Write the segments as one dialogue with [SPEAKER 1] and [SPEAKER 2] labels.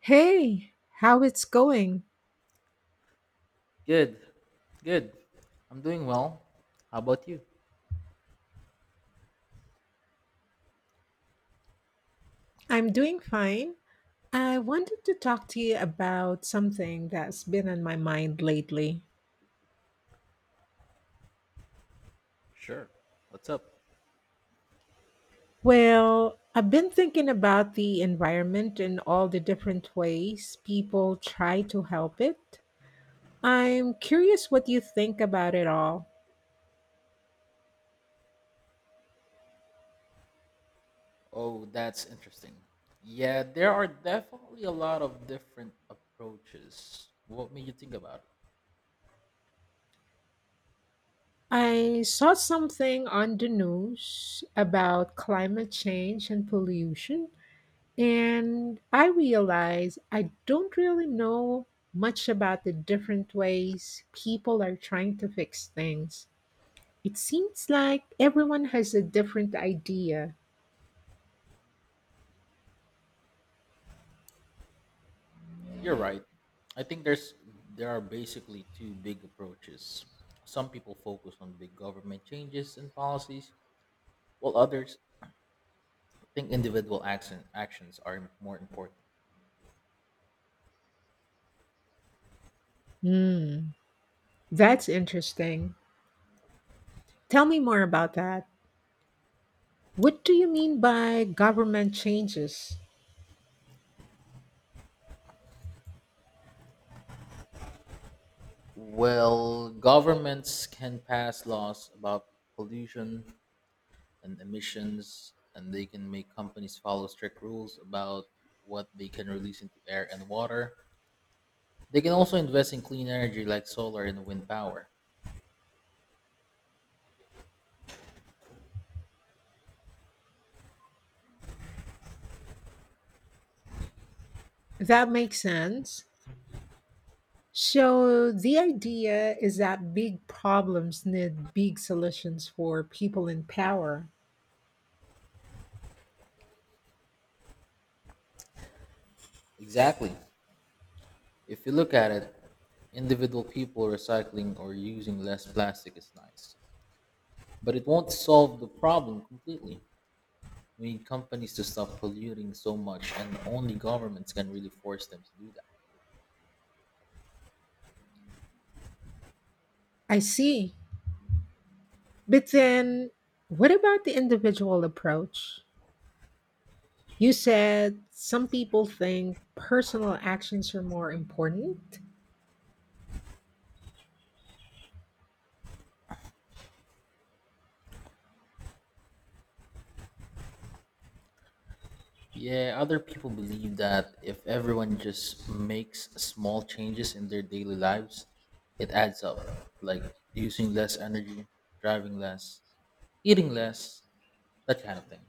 [SPEAKER 1] Hey, how it's going?
[SPEAKER 2] Good, good. I'm doing well. How about you?
[SPEAKER 1] I'm doing fine. I wanted to talk to you about something that's been on my mind lately.
[SPEAKER 2] Sure. What's up?
[SPEAKER 1] Well, I've been thinking about the environment and all the different ways people try to help it. I'm curious what you think about it all.
[SPEAKER 2] Oh, that's interesting. Yeah, there are definitely a lot of different approaches. What made you think about it?
[SPEAKER 1] I saw something on the news about climate change and pollution, and I realize I don't really know much about the different ways people are trying to fix things. It seems like everyone has a different idea.
[SPEAKER 2] You're right. I think there's There are basically two big approaches. Some people focus on big government changes and policies, while others think actions are more important.
[SPEAKER 1] Hmm, that's interesting. Tell me more about that. What do you mean by government changes?
[SPEAKER 2] Well, governments can pass laws about pollution and emissions, and they can make companies follow strict rules about what they can release into air and water. They can also invest in clean energy like solar and wind power.
[SPEAKER 1] That makes sense. So, the idea is that big problems need big solutions for people in power.
[SPEAKER 2] Exactly. If you look at it, individual people recycling or using less plastic is nice, but it won't solve the problem completely. We need companies to stop polluting so much, and only governments can really force them to do that.
[SPEAKER 1] I see. But then, what about the individual approach? You said some people think personal actions are more important.
[SPEAKER 2] Yeah, other people believe that if everyone just makes small changes in their daily lives, it adds up, like using less energy, driving less, eating less, that kind of thing.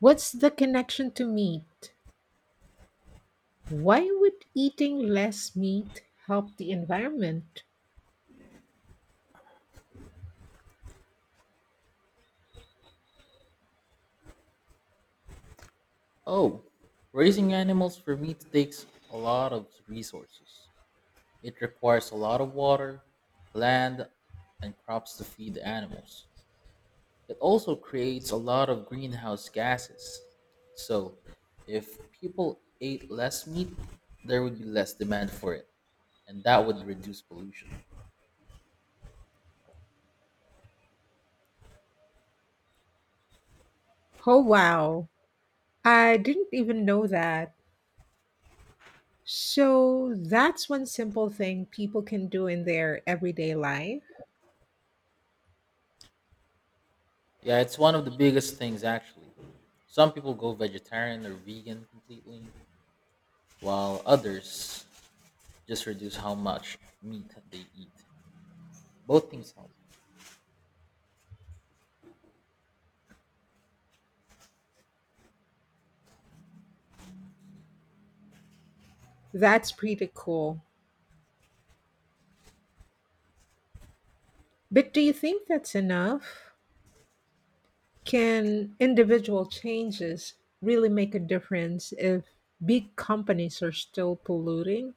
[SPEAKER 1] What's the connection to meat? Why would eating less meat help the environment?
[SPEAKER 2] Oh, raising animals for meat takes a lot of resources. It requires a lot of water, land, and crops to feed the animals. It also creates a lot of greenhouse gases. So, if people ate less meat, there would be less demand for it, and that would reduce pollution.
[SPEAKER 1] Oh, wow. I didn't even know that. So, that's one simple thing people can do in their everyday life.
[SPEAKER 2] Yeah, it's one of the biggest things actually. Some people go vegetarian or vegan completely, while others just reduce how much meat they eat. Both things help.
[SPEAKER 1] That's pretty cool. But do you think that's enough? Can individual changes really make a difference if big companies are still polluting?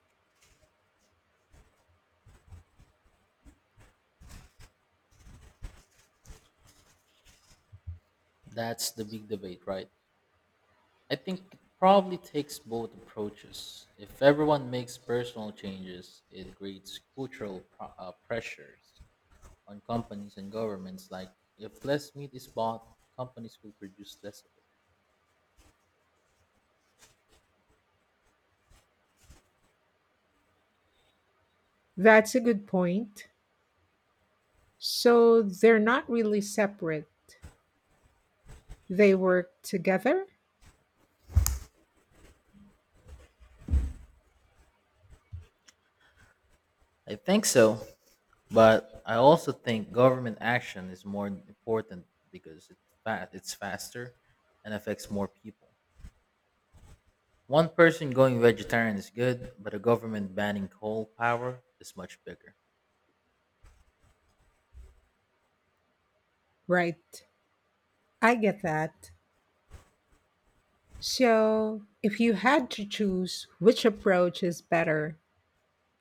[SPEAKER 2] That's the big debate, right? I think it probably takes both approaches. If everyone makes personal changes, it creates cultural pressures on companies and governments. Like, if less meat is bought, companies will produce less of it.
[SPEAKER 1] That's a good point. So they're not really separate, they work together?
[SPEAKER 2] I think so, but I also think government action is more important because it's faster and affects more people. One person going vegetarian is good, but a government banning coal power is much bigger.
[SPEAKER 1] Right. I get that. So if you had to choose which approach is better,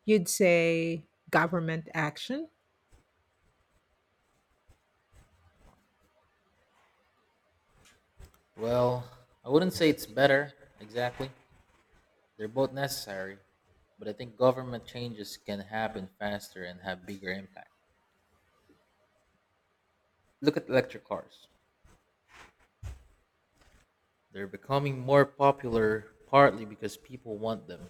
[SPEAKER 1] you'd say government action?
[SPEAKER 2] Well, I wouldn't say it's better exactly. They're both necessary, but I think government changes can happen faster and have bigger impact. Look at electric cars. They're becoming more popular partly because people want them,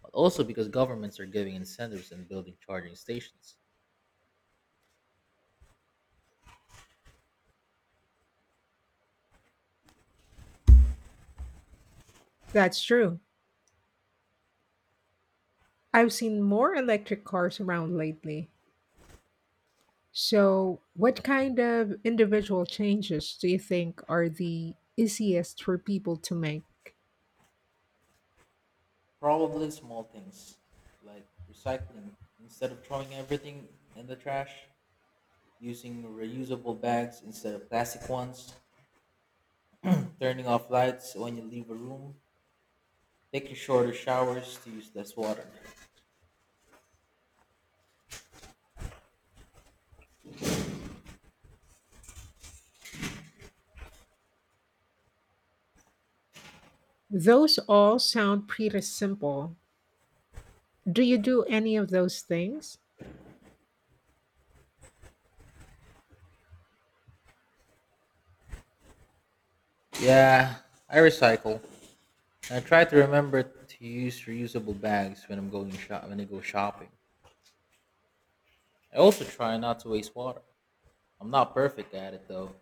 [SPEAKER 2] but also because governments are giving incentives and building charging stations.
[SPEAKER 1] That's true. I've seen more electric cars around lately. So, what kind of individual changes do you think are the easiest for people to make?
[SPEAKER 2] Probably small things like recycling instead of throwing everything in the trash, using reusable bags instead of plastic ones, turning off lights when you leave a room, take your shorter showers to use less water.
[SPEAKER 1] Those all sound pretty simple. Do you do any of those things?
[SPEAKER 2] Yeah, I recycle. I try to remember to use reusable bags when I go shopping. I also try not to waste water. I'm not perfect at it though.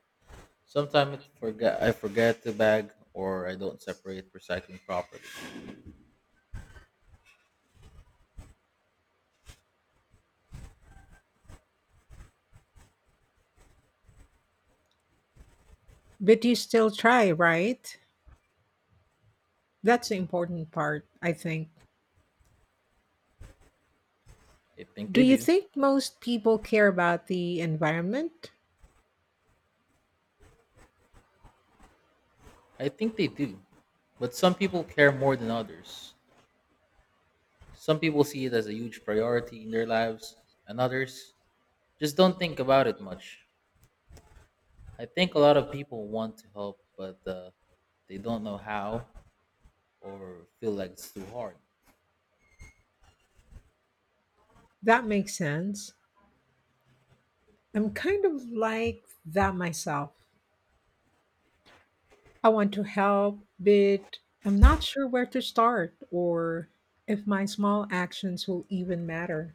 [SPEAKER 2] Sometimes I forget to bag or I don't separate recycling properly.
[SPEAKER 1] But you still try, right? That's the important part, I think.
[SPEAKER 2] I think
[SPEAKER 1] Do
[SPEAKER 2] they
[SPEAKER 1] you
[SPEAKER 2] do.
[SPEAKER 1] think most people care about the environment?
[SPEAKER 2] I think they do. But some people care more than others. Some people see it as a huge priority in their lives, and others just don't think about it much. I think a lot of people want to help, but they don't know how or feel like it's too hard.
[SPEAKER 1] That makes sense. I'm kind of like that myself. I want to help, but I'm not sure where to start or if my small actions will even matter.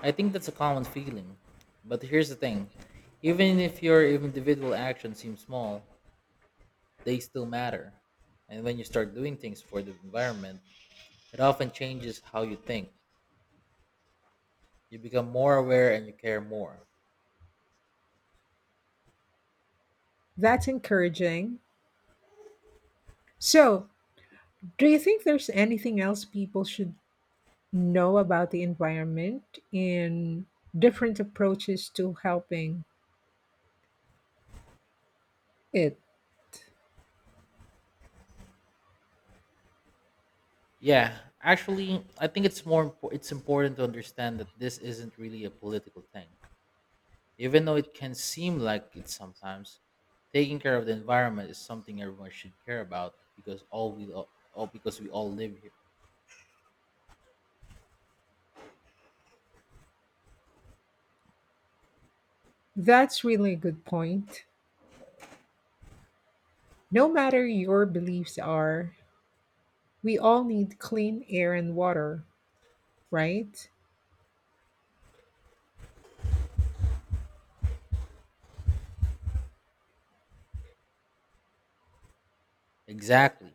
[SPEAKER 2] I think that's a common feeling. But here's the thing, even if your individual actions seem small, they still matter. And when you start doing things for the environment, it often changes how you think. You become more aware and you care more.
[SPEAKER 1] That's encouraging. So, do you think there's anything else people should know about the environment and different approaches to helping it?
[SPEAKER 2] Yeah, actually, I think it's it's important to understand that this isn't really a political thing. Even though it can seem like it sometimes, taking care of the environment is something everyone should care about because all we all because we all live here.
[SPEAKER 1] That's really a good point. No matter your beliefs are, we all need clean air and water, right?
[SPEAKER 2] Exactly.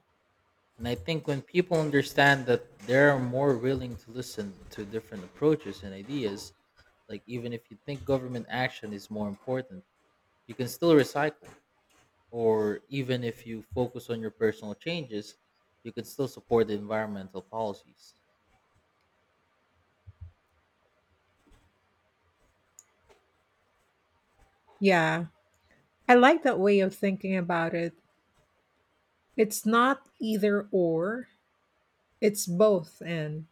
[SPEAKER 2] And I think when people understand that, they're more willing to listen to different approaches and ideas, like even if you think government action is more important, you can still recycle. Or even if you focus on your personal changes, you can still support the environmental policies.
[SPEAKER 1] Yeah, I like that way of thinking about it. It's not either or, it's both and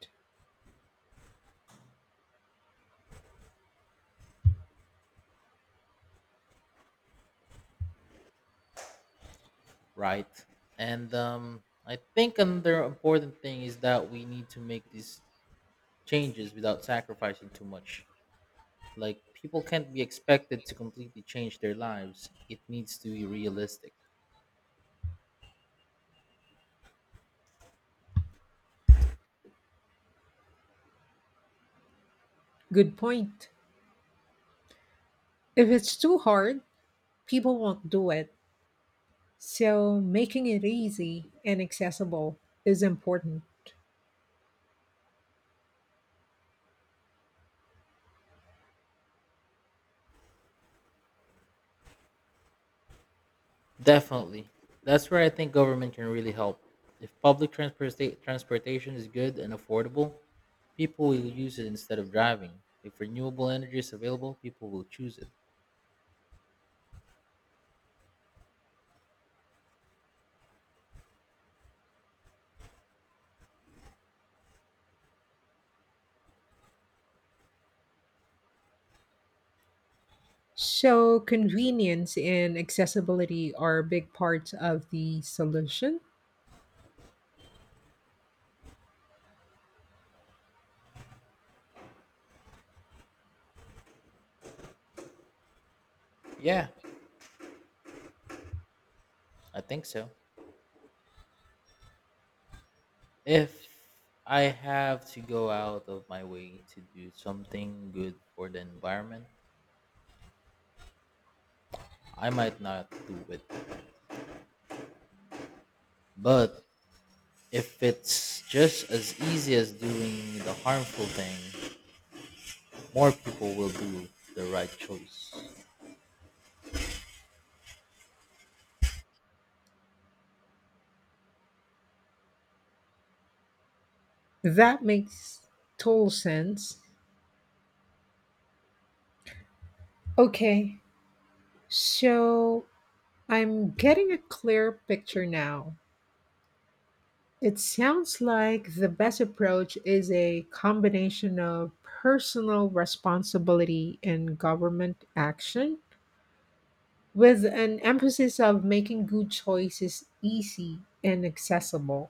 [SPEAKER 2] Right? And I think another important thing is that we need to make these changes without sacrificing too much. Like, people can't be expected to completely change their lives, it needs to be realistic.
[SPEAKER 1] good point. If it's too hard, people won't do it. So making it easy and accessible is important.
[SPEAKER 2] Definitely. That's where I think government can really help. If transportation is good and affordable, people will use it instead of driving. If renewable energy is available, people will choose it.
[SPEAKER 1] So convenience and accessibility are big parts of the solution.
[SPEAKER 2] Yeah, I think so. If I have to go out of my way to do something good for the environment, I might not do it. But if it's just as easy as doing the harmful thing, more people will do the right choice.
[SPEAKER 1] That makes total sense. Okay, so I'm getting a clear picture now. It sounds like the best approach is a combination of personal responsibility and government action, with an emphasis of making good choices easy and accessible.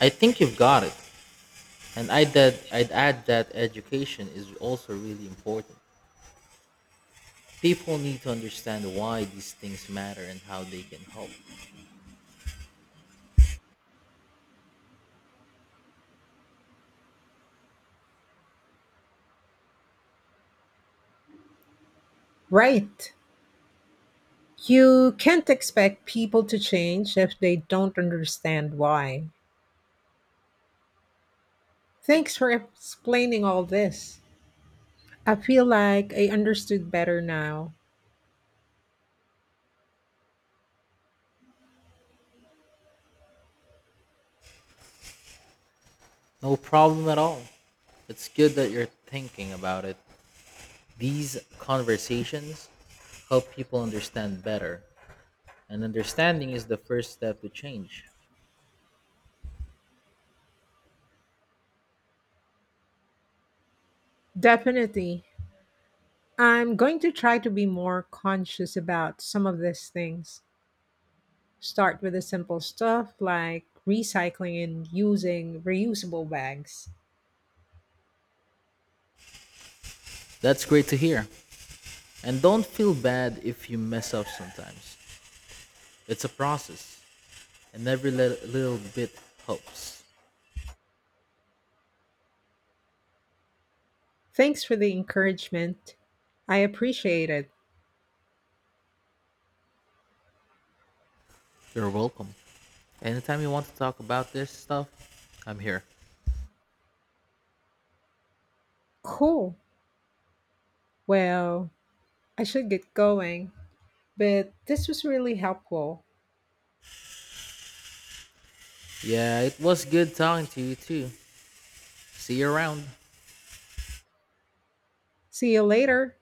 [SPEAKER 2] I think you've got it. And I'd add that education is also really important. People need to understand why these things matter and how they can help.
[SPEAKER 1] Right. You can't expect people to change if they don't understand why. Thanks for explaining all this. I feel like I understood better now.
[SPEAKER 2] No problem at all. It's good that you're thinking about it. These conversations help people understand better, and understanding is the first step to change.
[SPEAKER 1] Definitely. I'm going to try to be more conscious about some of these things. Start with the simple stuff like recycling and using reusable bags.
[SPEAKER 2] That's great to hear. And don't feel bad if you mess up sometimes. It's a process, and every little bit helps.
[SPEAKER 1] Thanks for the encouragement. I appreciate it.
[SPEAKER 2] You're welcome. Anytime you want to talk about this stuff, I'm here.
[SPEAKER 1] Cool. Well, I should get going, but this was really helpful.
[SPEAKER 2] Yeah, it was good talking to you too. See you around.
[SPEAKER 1] See you later.